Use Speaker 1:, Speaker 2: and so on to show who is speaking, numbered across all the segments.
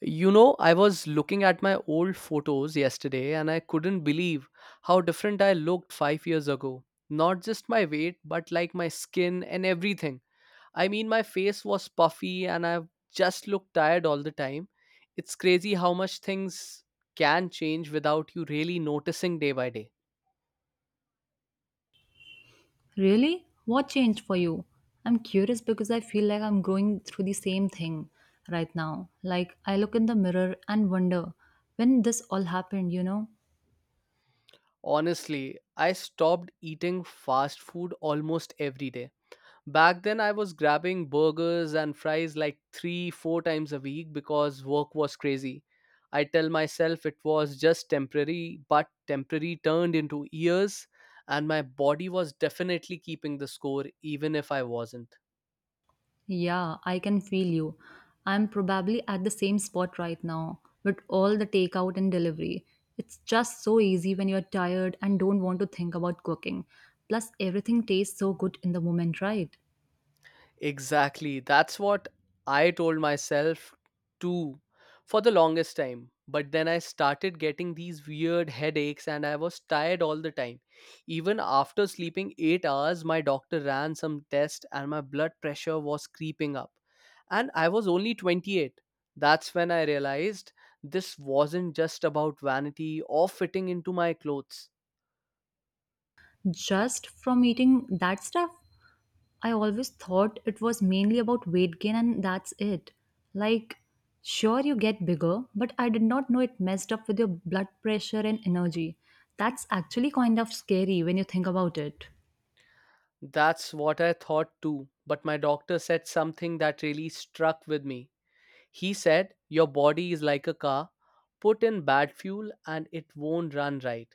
Speaker 1: You know, I was looking at my old photos yesterday and I couldn't believe how different I looked 5 years ago. Not just my weight, but like my skin and everything. I mean, my face was puffy and I just looked tired all the time. It's crazy how much things can change without you really noticing day by day.
Speaker 2: Really? What changed for you? I'm curious because I feel like I'm going through the same thing right now. Like, I look in the mirror and wonder when this all happened, you know?
Speaker 1: Honestly, I stopped eating fast food almost every day. Back then, I was grabbing burgers and fries like three, four times a week because work was crazy. I tell myself it was just temporary, but temporary turned into years, and my body was definitely keeping the score even if I wasn't.
Speaker 2: Yeah, I can feel you. I'm probably at the same spot right now with all the takeout and delivery. It's just so easy when you're tired and don't want to think about cooking. Plus, everything tastes so good in the moment, right?
Speaker 1: Exactly. That's what I told myself too for the longest time. But then I started getting these weird headaches and I was tired all the time. Even after sleeping 8 hours, my doctor ran some tests and my blood pressure was creeping up. And I was only 28. That's when I realized this wasn't just about vanity or fitting into my clothes.
Speaker 2: Just from eating that stuff? I always thought it was mainly about weight gain and that's it. Like, sure, you get bigger, but I did not know it messed up with your blood pressure and energy. That's actually kind of scary when you think about it.
Speaker 1: That's what I thought too. But my doctor said something that really struck with me. He said, your body is like a car. Put in bad fuel and it won't run right.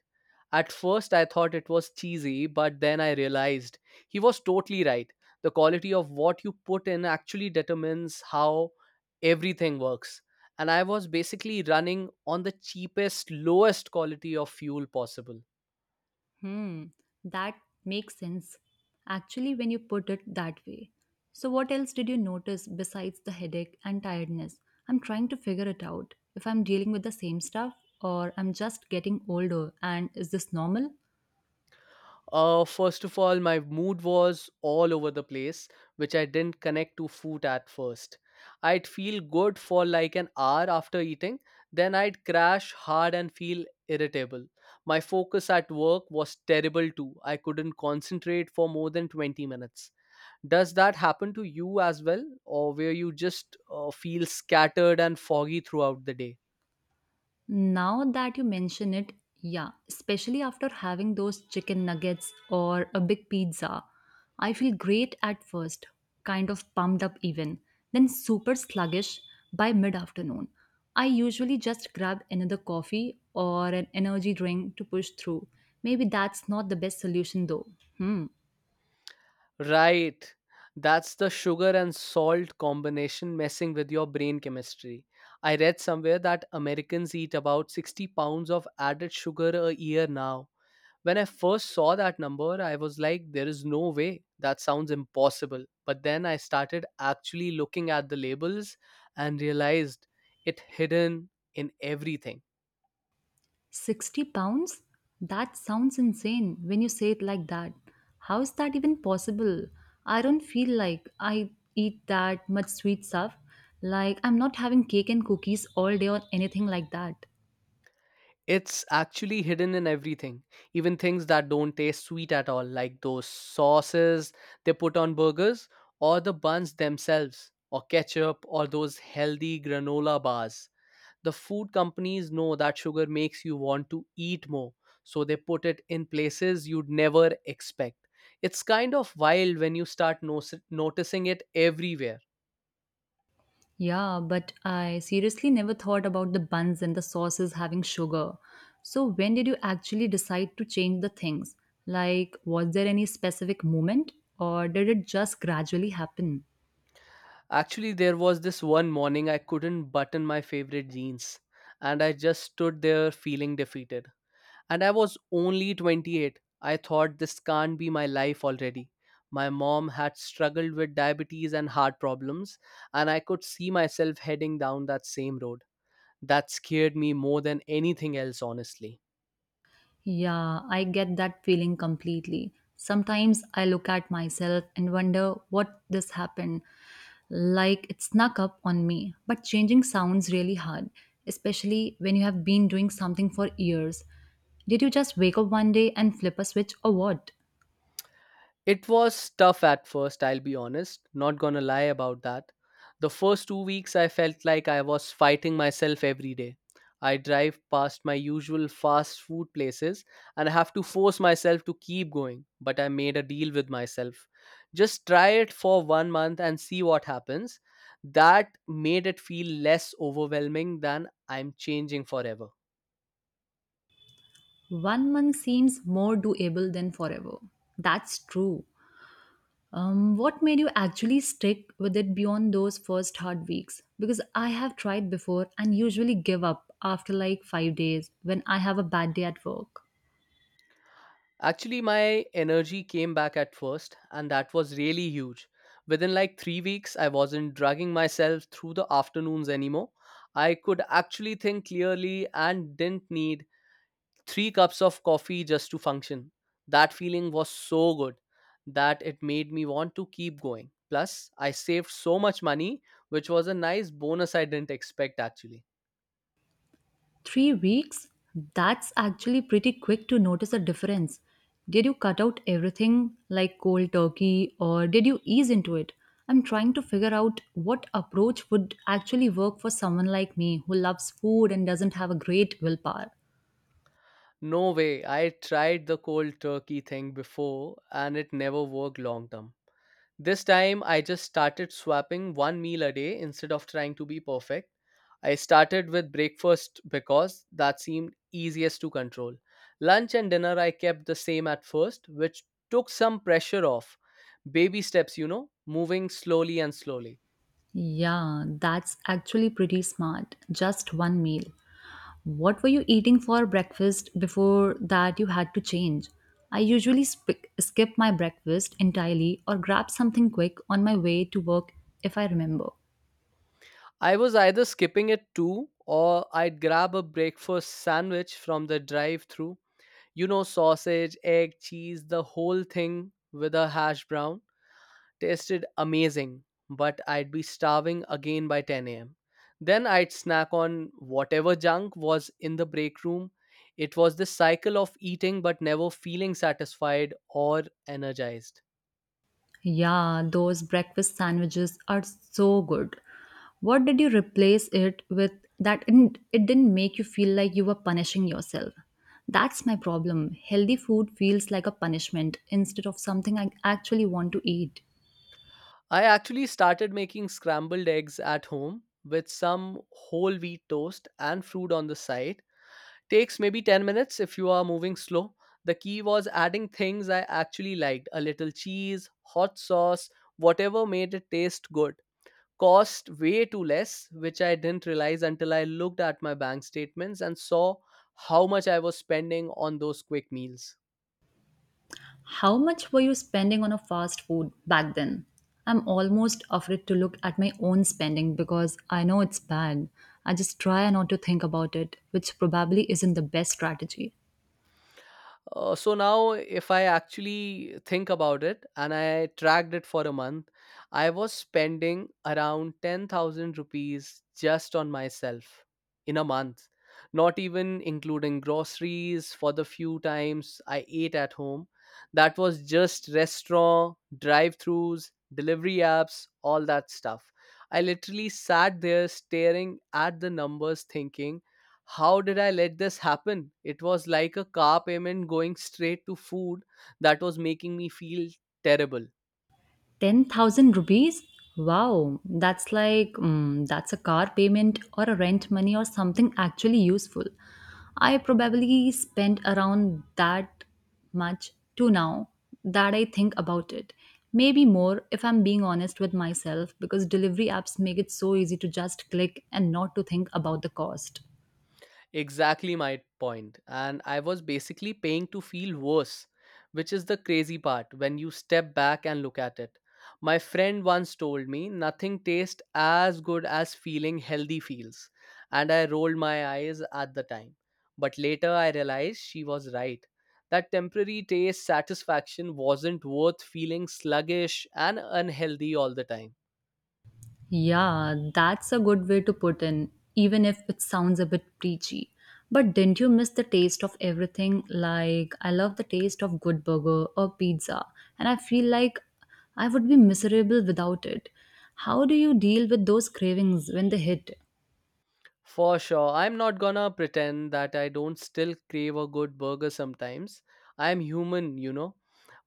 Speaker 1: At first, I thought it was cheesy, but then I realized he was totally right. The quality of what you put in actually determines how everything works. And I was basically running on the cheapest, lowest quality of fuel possible.
Speaker 2: Hmm, that makes sense. Actually, when you put it that way. So, what else did you notice besides the headache and tiredness? I'm trying to figure it out if I'm dealing with the same stuff or I'm just getting older and is this normal?
Speaker 1: First of all, my mood was all over the place, which I didn't connect to food at first. I'd feel good for like an hour after eating, then I'd crash hard and feel irritable. My focus at work was terrible too. I couldn't concentrate for more than 20 minutes. Does that happen to you as well, or where you just feel scattered and foggy throughout the day?
Speaker 2: Now that you mention it, yeah, especially after having those chicken nuggets or a big pizza, I feel great at first, kind of pumped up even, then super sluggish by mid afternoon. I usually just grab another coffee or an energy drink to push through. Maybe that's not the best solution though. Hmm.
Speaker 1: Right. That's the sugar and salt combination messing with your brain chemistry. I read somewhere that Americans eat about 60 pounds of added sugar a year now. When I first saw that number, I was like, there is no way. That sounds impossible. But then I started actually looking at the labels and realized it hidden in everything.
Speaker 2: 60 pounds? That sounds insane when you say it like that. How is that even possible? I don't feel like I eat that much sweet stuff. Like, I'm not having cake and cookies all day or anything like that.
Speaker 1: It's actually hidden in everything, even things that don't taste sweet at all, like those sauces they put on burgers, or the buns themselves, or ketchup, or those healthy granola bars. The food companies know that sugar makes you want to eat more, so they put it in places you'd never expect. It's kind of wild when you start noticing it everywhere.
Speaker 2: Yeah, but I seriously never thought about the buns and the sauces having sugar. So, when did you actually decide to change the things? Like, was there any specific moment or did it just gradually happen?
Speaker 1: Actually, there was this one morning I couldn't button my favorite jeans, and I just stood there feeling defeated. And I was only 28. I thought this can't be my life already. My mom had struggled with diabetes and heart problems, and I could see myself heading down that same road. That scared me more than anything else, honestly.
Speaker 2: Yeah, I get that feeling completely. Sometimes I look at myself and wonder what this happened, like it snuck up on me. But changing sounds really hard, especially when you have been doing something for years. Did you just wake up one day and flip a switch or what?
Speaker 1: It was tough at first, I'll be honest, not gonna lie about that. The first 2 weeks, I felt like I was fighting myself every day. I drive past my usual fast food places and I have to force myself to keep going, but I made a deal with myself. Just try it for 1 month and see what happens. That made it feel less overwhelming than I'm changing forever.
Speaker 2: One month seems more doable than forever. That's true. What made you actually stick with it beyond those first hard weeks? Because I have tried before and usually give up after like 5 days when I have a bad day at work.
Speaker 1: Actually, my energy came back at first, and that was really huge. Within like 3 weeks, I wasn't dragging myself through the afternoons anymore. I could actually think clearly and didn't need three cups of coffee just to function. That feeling was so good that it made me want to keep going. Plus, I saved so much money, which was a nice bonus I didn't expect actually.
Speaker 2: 3 weeks? That's actually pretty quick to notice a difference. Did you cut out everything like cold turkey or did you ease into it? I'm trying to figure out what approach would actually work for someone like me who loves food and doesn't have a great willpower.
Speaker 1: No way, I tried the cold turkey thing before and it never worked long term. This time, I just started swapping one meal a day instead of trying to be perfect. I started with breakfast because that seemed easiest to control. Lunch and dinner I kept the same at first, which took some pressure off. Baby steps, you know, moving slowly and slowly.
Speaker 2: Yeah, that's actually pretty smart. Just one meal. What were you eating for breakfast before that you had to change? I usually skip my breakfast entirely or grab something quick on my way to work if I remember.
Speaker 1: I was either skipping it too or I'd grab a breakfast sandwich from the drive through. You know, sausage, egg, cheese, the whole thing with a hash brown tasted amazing, but I'd be starving again by 10 a.m. Then I'd snack on whatever junk was in the break room. It was this cycle of eating but never feeling satisfied or energized.
Speaker 2: Yeah, those breakfast sandwiches are so good. What did you replace it with that didn't, it didn't make you feel like you were punishing yourself? That's my problem. Healthy food feels like a punishment instead of something I actually want to eat.
Speaker 1: I actually started making scrambled eggs at home with some whole wheat toast and fruit on the side. Takes maybe 10 minutes if you are moving slow. The key was adding things I actually liked, a little cheese, hot sauce, whatever made it taste good. Cost way too less, which I didn't realize until I looked at my bank statements and saw how much I was spending on those quick meals.
Speaker 2: How much were you spending on a fast food back then? I'm almost afraid to look at my own spending because I know it's bad. I just try not to think about it, which probably isn't the best strategy.
Speaker 1: So now, if I actually think about it and I tracked it for a month, I was spending around 10,000 rupees just on myself in a month, not even including groceries for the few times I ate at home. That was just restaurant, drive throughs, delivery apps, all that stuff. I literally sat there staring at the numbers, thinking, how did I let this happen? It was like a car payment going straight to food that was making me feel terrible.
Speaker 2: 10,000 rupees? Wow, that's like that's a car payment or a rent money or something actually useful. I probably spent around that much to now that I think about it. Maybe more if I'm being honest with myself because delivery apps make it so easy to just click and not to think about the cost.
Speaker 1: Exactly my point. And I was basically paying to feel worse, which is the crazy part when you step back and look at it. My friend once told me nothing tastes as good as feeling healthy feels, and I rolled my eyes at the time. But later I realized she was right. That temporary taste satisfaction wasn't worth feeling sluggish and unhealthy all the time.
Speaker 2: Yeah, that's a good way to put in, even if it sounds a bit preachy. But didn't you miss the taste of everything? Like, I love the taste of good burger or pizza, and I feel like I would be miserable without it. How do you deal with those cravings when they hit?
Speaker 1: For sure. I'm not gonna pretend that I don't still crave a good burger sometimes. I'm human, you know.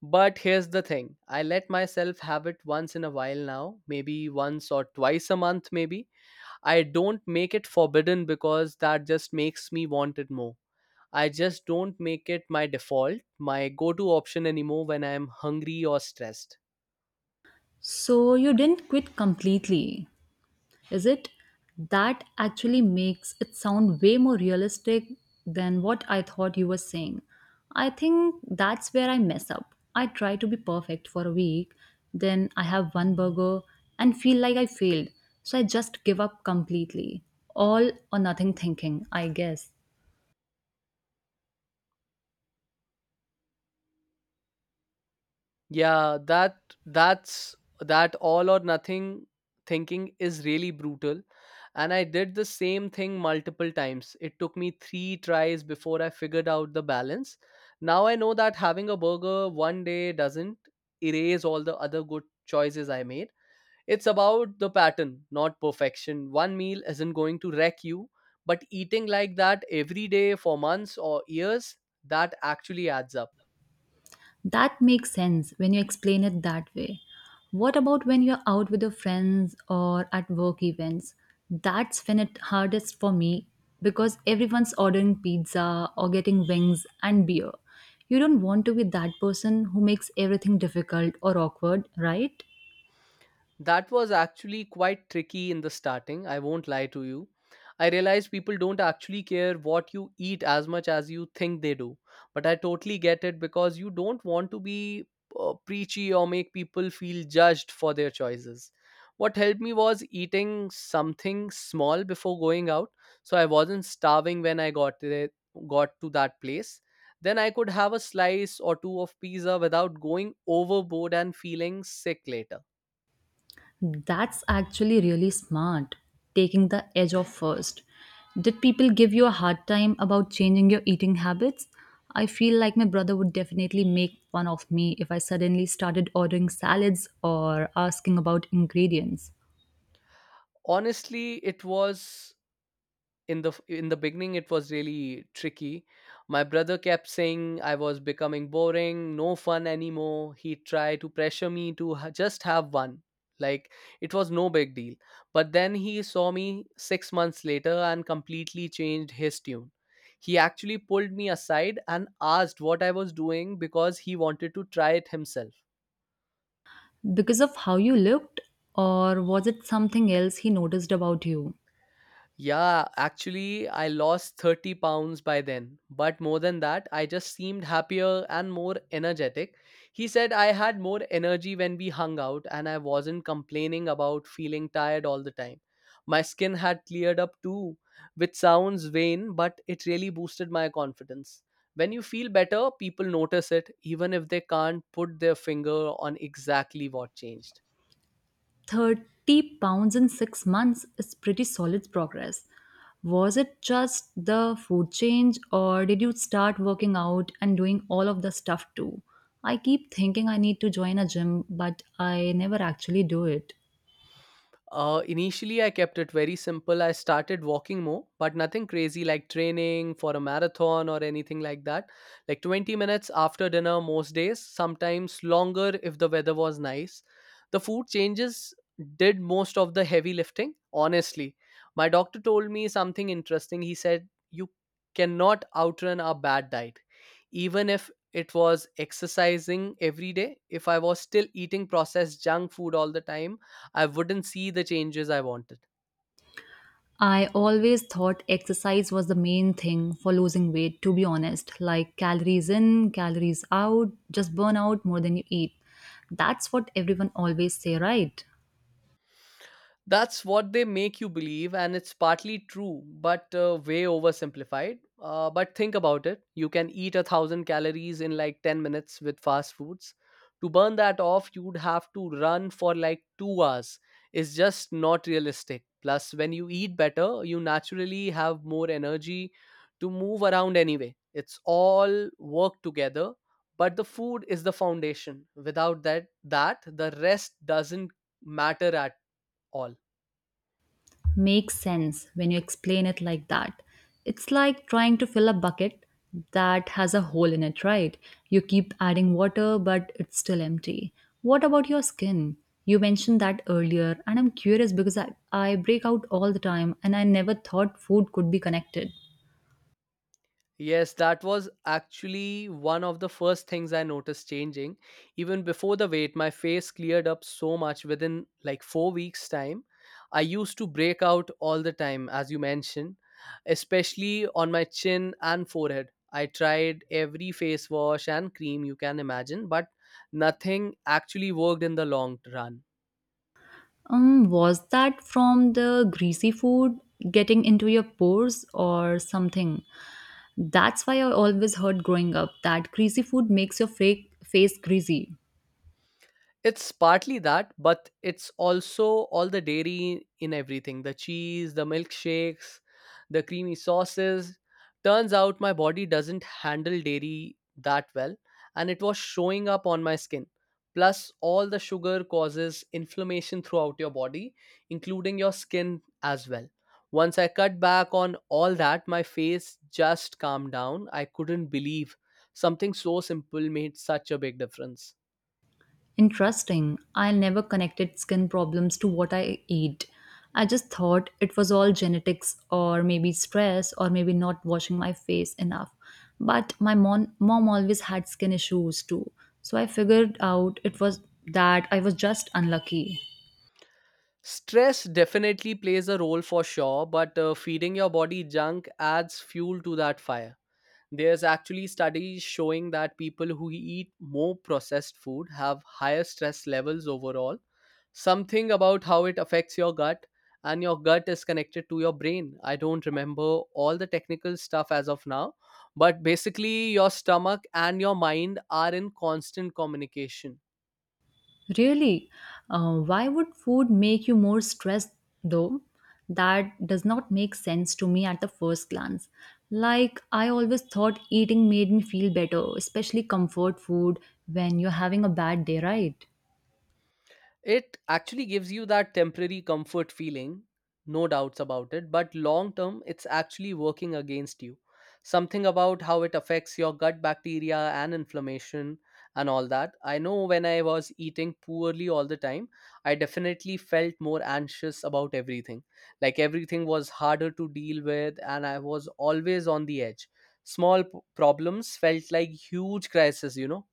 Speaker 1: But here's the thing, I let myself have it once in a while now, maybe once or twice a month, maybe. I don't make it forbidden because that just makes me want it more. I just don't make it my default, my go to option anymore when I'm hungry or stressed.
Speaker 2: So, you didn't quit completely. Is it? That actually makes it sound way more realistic than what I thought you were saying. I think that's where I mess up. I try to be perfect for a week, then I have one burger and feel like I failed. So I just give up completely. All or nothing thinking, I guess.
Speaker 1: Yeah, that's that all or nothing thinking is really brutal. And I did the same thing multiple times. It took me three tries before I figured out the balance. Now I know that having a burger one day doesn't erase all the other good choices I made. It's about the pattern, not perfection. One meal isn't going to wreck you, but eating like that every day for months or years, that actually adds up.
Speaker 2: That makes sense when you explain it that way. What about when you're out with your friends or at work events? That's when it hardest for me because everyone's ordering pizza or getting wings and beer. You don't want to be that person who makes everything difficult or awkward, right?
Speaker 1: That was actually quite tricky in the starting, I won't lie to you. I realized people don't actually care what you eat as much as you think they do. But I totally get it because you don't want to be preachy or make people feel judged for their choices. What helped me was eating something small before going out so I wasn't starving when I got to that place. Then I could have a slice or two of pizza without going overboard and feeling sick later.
Speaker 2: That's actually really smart, taking the edge off first. Did people give you a hard time about changing your eating habits? I feel like my brother would definitely make fun of me if I suddenly started ordering salads or asking about ingredients.
Speaker 1: Honestly, it was, in the beginning it was really tricky. My brother kept saying I was becoming boring, no fun anymore. He tried to pressure me to just have one, like it was no big deal. But then he saw me 6 months later and completely changed his tune. He actually pulled me aside and asked what I was doing because he wanted to try it himself.
Speaker 2: Because of how you looked, or was it something else he noticed about you?
Speaker 1: Yeah, actually, I lost 30 pounds by then. But more than that, I just seemed happier and more energetic. He said I had more energy when we hung out and I wasn't complaining about feeling tired all the time. My skin had cleared up too, which sounds vain, but it really boosted my confidence. When you feel better, people notice it, even if they can't put their finger on exactly what changed.
Speaker 2: 30 pounds in 6 months is pretty solid progress. Was it just the food change, or did you start working out and doing all of the stuff too? I keep thinking I need to join a gym, but I never actually do it.
Speaker 1: Initially, I kept it very simple. I started walking more, but nothing crazy like training for a marathon or anything like that. Like 20 minutes after dinner, most days, sometimes longer if the weather was nice. The food changes did most of the heavy lifting, honestly. My doctor told me something interesting. He said, you cannot outrun a bad diet. Even if it was exercising every day, if I was still eating processed junk food all the time, I wouldn't see the changes I wanted.
Speaker 2: I always thought exercise was the main thing for losing weight, to be honest. Like calories in, calories out, just burn out more than you eat. That's what everyone always say, right?
Speaker 1: That's what they make you believe, and it's partly true, but way oversimplified. But think about it, you can eat 1,000 calories in like 10 minutes with fast foods. To burn that off, you'd have to run for like 2 hours. It's just not realistic. Plus, when you eat better, you naturally have more energy to move around anyway. It's all work together, but the food is the foundation. Without that, the rest doesn't matter at all.
Speaker 2: Makes sense when you explain it like that. It's like trying to fill a bucket that has a hole in it, right? You keep adding water, but it's still empty. What about your skin? You mentioned that earlier, and I'm curious because I break out all the time and I never thought food could be connected.
Speaker 1: Yes, that was actually one of the first things I noticed changing. Even before the weight, my face cleared up so much within like 4 weeks' time. I used to break out all the time, as you mentioned, especially on my chin and forehead. I tried every face wash and cream you can imagine, but nothing actually worked in the long run.
Speaker 2: Was that from the greasy food getting into your pores or something? That's why I always heard growing up that greasy food makes your fake face greasy.
Speaker 1: It's partly that, but it's also all the dairy in everything, the cheese, the milkshakes, the creamy sauces. Turns out my body doesn't handle dairy that well, and it was showing up on my skin. Plus, all the sugar causes inflammation throughout your body, including your skin as well. Once I cut back on all that, my face just calmed down. I couldn't believe something so simple made such a big difference.
Speaker 2: Interesting. I never connected skin problems to what I eat. I just thought it was all genetics or maybe stress or maybe not washing my face enough. But my mom always had skin issues too. So I figured out it was that I was just unlucky.
Speaker 1: Stress definitely plays a role for sure, but feeding your body junk adds fuel to that fire. There's actually studies showing that people who eat more processed food have higher stress levels overall. Something about how it affects your gut, and your gut is connected to your brain. I don't remember all the technical stuff as of now, but basically, your stomach and your mind are in constant communication.
Speaker 2: Really? Why would food make you more stressed though? That does not make sense to me at the first glance. Like, I always thought eating made me feel better, especially comfort food when you're having a bad day, right?
Speaker 1: It actually gives you that temporary comfort feeling, no doubts about it, but long term, it's actually working against you. Something about how it affects your gut bacteria and inflammation and all that. I know when I was eating poorly all the time, I definitely felt more anxious about everything. Like everything was harder to deal with, and I was always on the edge. Small problems felt like huge crisis, you know?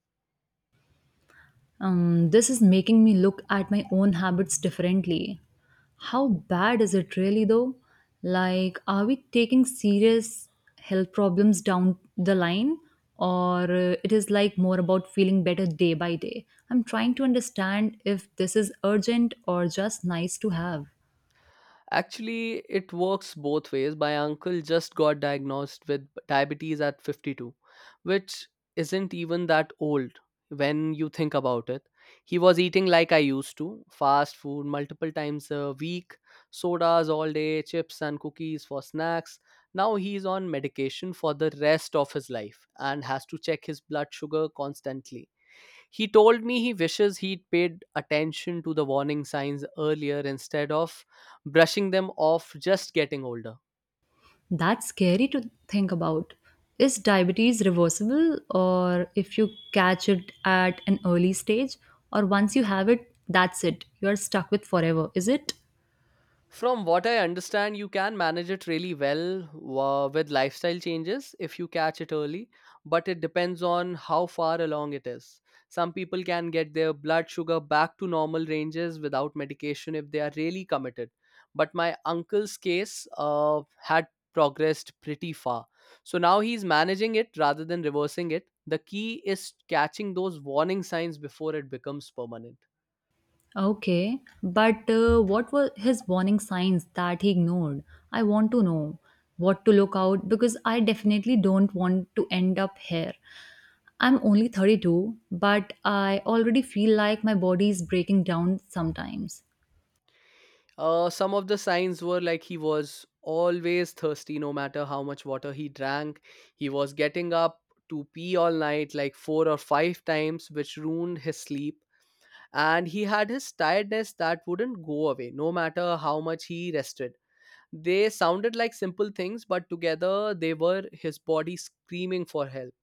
Speaker 2: This is making me look at my own habits differently. How bad is it really though? Like, are we taking serious health problems down the line? Or it is like more about feeling better day by day? I'm trying to understand if this is urgent or just nice to have.
Speaker 1: Actually, it works both ways. My uncle just got diagnosed with diabetes at 52, which isn't even that old when you think about it. He was eating like I used to, fast food multiple times a week, sodas all day, chips and cookies for snacks. Now he's on medication for the rest of his life and has to check his blood sugar constantly. He told me he wishes he'd paid attention to the warning signs earlier instead of brushing them off just getting older.
Speaker 2: That's scary to think about. Is diabetes reversible, or if you catch it at an early stage, or once you have it, that's it? You are stuck with forever, is it?
Speaker 1: From what I understand, you can manage it really well with lifestyle changes if you catch it early, but it depends on how far along it is. Some people can get their blood sugar back to normal ranges without medication if they are really committed. But my uncle's case had progressed pretty far. So now he's managing it rather than reversing it. The key is catching those warning signs before it becomes permanent.
Speaker 2: Okay, but what were his warning signs that he ignored? I want to know what to look out because I definitely don't want to end up here. I'm only 32, but I already feel like my body is breaking down sometimes.
Speaker 1: Some of the signs were, like, he was always thirsty, no matter how much water he drank. He was getting up to pee all night, like four or five times, which ruined his sleep. And he had his tiredness that wouldn't go away, no matter how much he rested. They sounded like simple things, but together they were his body screaming for help.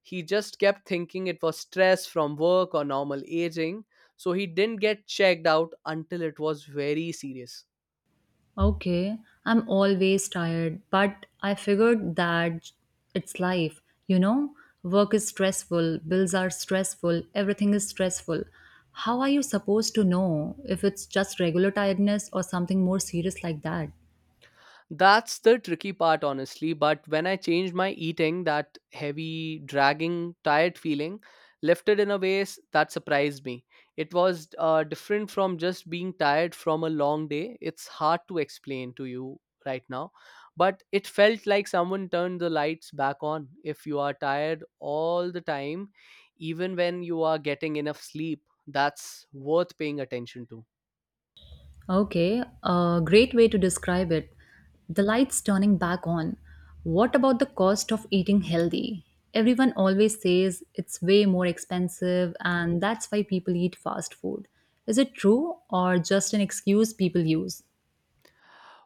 Speaker 1: He just kept thinking it was stress from work or normal aging, so he didn't get checked out until it was very serious.
Speaker 2: Okay, I'm always tired, but I figured that it's life, you know? Work is stressful, bills are stressful, everything is stressful. How are you supposed to know if it's just regular tiredness or something more serious like that?
Speaker 1: That's the tricky part, honestly. But when I changed my eating, that heavy, dragging, tired feeling lifted in a way that surprised me. It was different from just being tired from a long day. It's hard to explain to you right now, but it felt like someone turned the lights back on. If you are tired all the time, even when you are getting enough sleep, that's worth paying attention to.
Speaker 2: Okay, a great way to describe it. The lights turning back on. What about the cost of eating healthy? Everyone always says it's way more expensive and that's why people eat fast food. Is it true or just an excuse people use?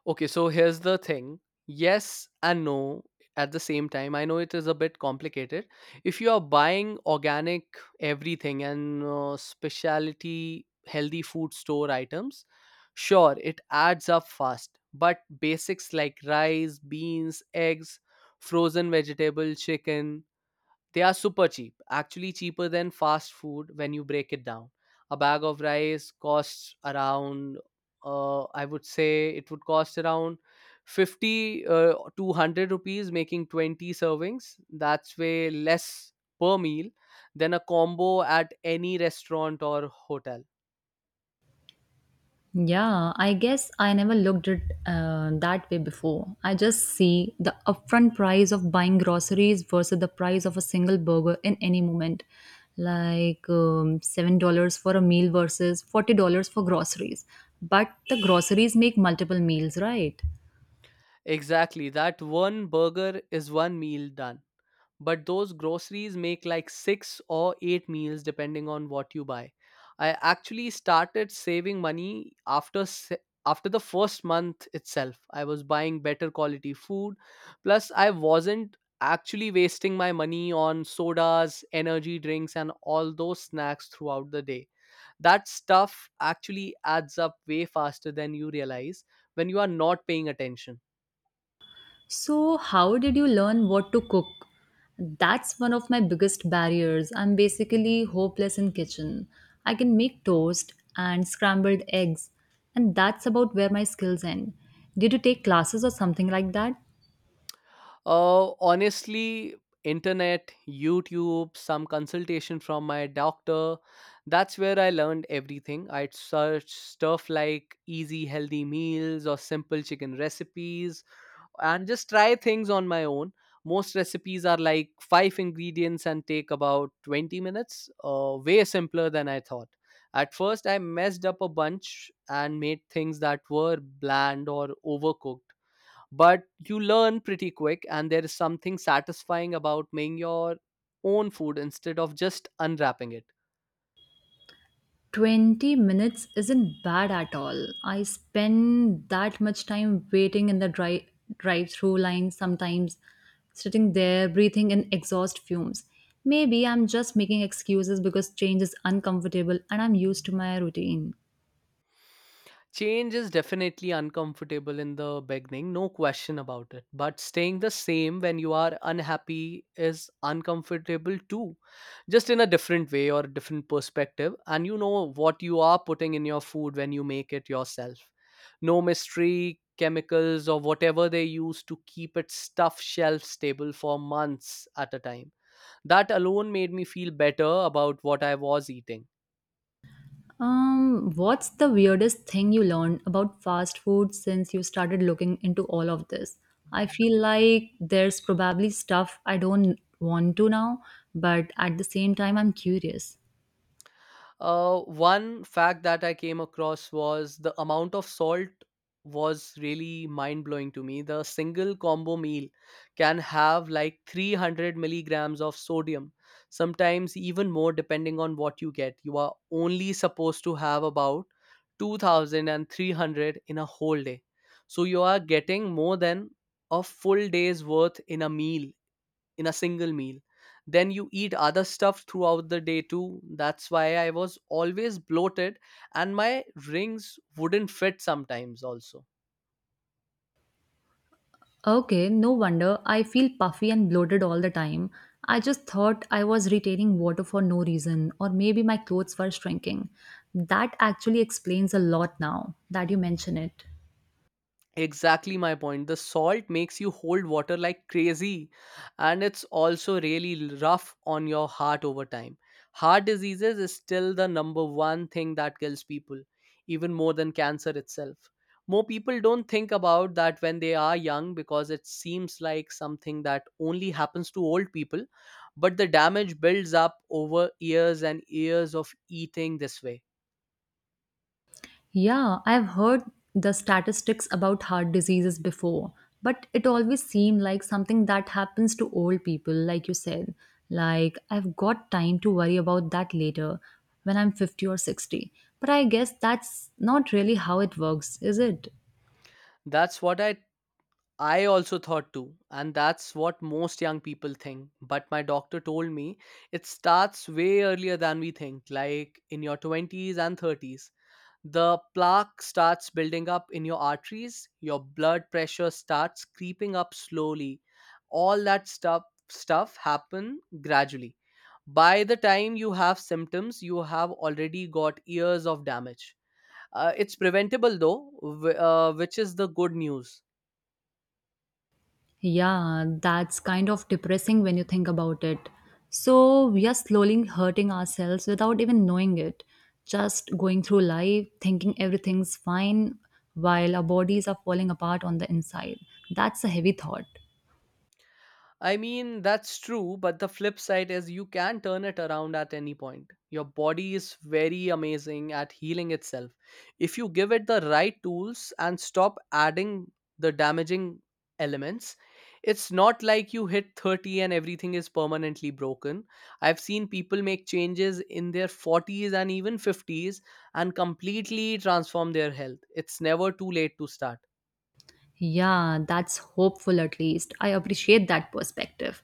Speaker 1: Okay, so here's the thing. Yes and no at the same time. I know it is a bit complicated. If you are buying organic everything and specialty healthy food store items, sure, it adds up fast. But basics like rice, beans, eggs, frozen vegetable, chicken, they are super cheap, actually cheaper than fast food when you break it down. A bag of rice I would say it would cost around 50 to 100 rupees, making 20 servings. That's way less per meal than a combo at any restaurant or hotel.
Speaker 2: Yeah, I guess I never looked at that way before. I just see the upfront price of buying groceries versus the price of a single burger in any moment, like $7 for a meal versus $40 for groceries. But the groceries make multiple meals, right?
Speaker 1: Exactly, that one burger is one meal done, but those groceries make like 6 or 8 meals depending on what you buy. I actually started saving money after after the first month itself. I was buying better quality food. Plus, I wasn't actually wasting my money on sodas, energy drinks, and all those snacks throughout the day. That stuff actually adds up way faster than you realize when you are not paying attention.
Speaker 2: So, how did you learn what to cook? That's one of my biggest barriers. I'm basically hopeless in kitchen. I can make toast and scrambled eggs, and that's about where my skills end. Did you take classes or something like that?
Speaker 1: Honestly, internet, YouTube, some consultation from my doctor. That's where I learned everything. I'd search stuff like easy, healthy meals or simple chicken recipes and just try things on my own. Most recipes are like five ingredients and take about 20 minutes, way simpler than I thought. At first, I messed up a bunch and made things that were bland or overcooked, but you learn pretty quick and there is something satisfying about making your own food instead of just unwrapping it.
Speaker 2: 20 minutes isn't bad at all. I spend that much time waiting in the drive through line sometimes, sitting there breathing in exhaust fumes. Maybe I'm just making excuses because change is uncomfortable and I'm used to my routine.
Speaker 1: Change is definitely uncomfortable in the beginning, no question about it. But staying the same when you are unhappy is uncomfortable too, just in a different way or a different perspective. And you know what you are putting in your food when you make it yourself. No mystery chemicals or whatever they use to keep it stuff shelf stable for months at a time. That alone made me feel better about what I was eating.
Speaker 2: What's the weirdest thing you learned about fast food since you started looking into all of this? I feel like there's probably stuff I don't want to now, but at the same time, I'm curious.
Speaker 1: One fact that I came across was the amount of salt was really mind blowing to me. The single combo meal can have like 300 milligrams of sodium, sometimes even more depending on what you get. You are only supposed to have about 2300 in a whole day. So you are getting more than a full day's worth in a meal, in a single meal. Then you eat other stuff throughout the day too. That's why I was always bloated and my rings wouldn't fit sometimes also.
Speaker 2: Okay, no wonder. I feel puffy and bloated all the time. I just thought I was retaining water for no reason, or maybe my clothes were shrinking. That actually explains a lot now that you mention it.
Speaker 1: Exactly my point. The salt makes you hold water like crazy, and it's also really rough on your heart over time. Heart diseases is still the number one thing that kills people, even more than cancer itself. More people don't think about that when they are young because it seems like something that only happens to old people, but the damage builds up over years and years of eating this way.
Speaker 2: Yeah, I've heard the statistics about heart diseases before, but it always seemed like something that happens to old people, like you said. Like, I've got time to worry about that later when I'm 50 or 60. But I guess that's not really how it works, is it?
Speaker 1: That's what I also thought too, and that's what most young people think. But my doctor told me it starts way earlier than we think, like in your 20s and 30s. The plaque starts building up in your arteries, your blood pressure starts creeping up slowly. All that stuff happen gradually. By the time you have symptoms, you have already got years of damage. It's preventable though, which is the good news.
Speaker 2: Yeah, that's kind of depressing when you think about it. So, we are slowly hurting ourselves without even knowing it. Just going through life thinking everything's fine while our bodies are falling apart on the inside. That's a heavy thought.
Speaker 1: I mean, that's true, but the flip side is you can turn it around at any point. Your body is very amazing at healing itself. If you give it the right tools and stop adding the damaging elements, it's not like you hit 30 and everything is permanently broken. I've seen people make changes in their 40s and even 50s and completely transform their health. It's never too late to start.
Speaker 2: Yeah, that's hopeful at least. I appreciate that perspective.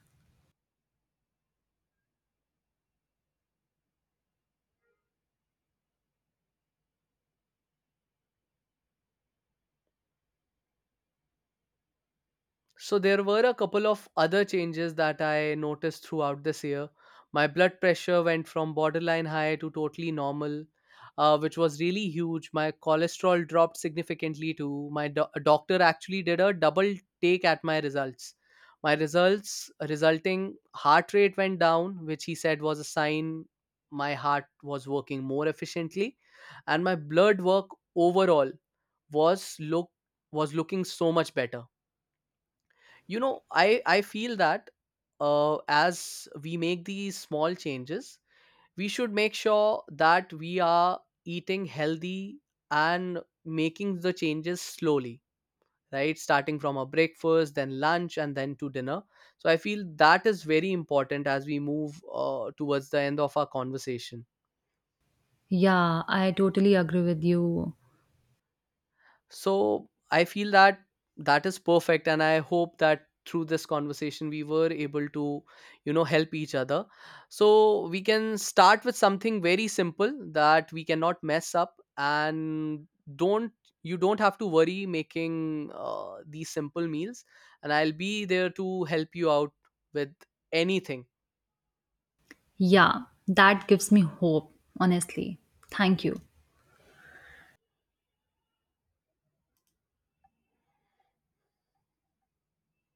Speaker 1: So there were a couple of other changes that I noticed throughout this year. My blood pressure went from borderline high to totally normal, which was really huge. My cholesterol dropped significantly too. My doctor actually did a double take at my results. My results resulting heart rate went down, which he said was a sign my heart was working more efficiently, and my blood work overall was look was looking so much better. You know, I feel that, as we make these small changes, we should make sure that we are eating healthy and making the changes slowly, right? Starting from a breakfast, then lunch, and then to dinner. So I feel that is very important as we move towards the end of our conversation.
Speaker 2: Yeah, I totally agree with you.
Speaker 1: So I feel that that is perfect, and I hope that through this conversation we were able to, you know, help each other. So we can start with something very simple that we cannot mess up, and don't you don't have to worry making these simple meals, and I'll be there to help you out with anything.
Speaker 2: Yeah, that gives me hope, honestly. Thank you.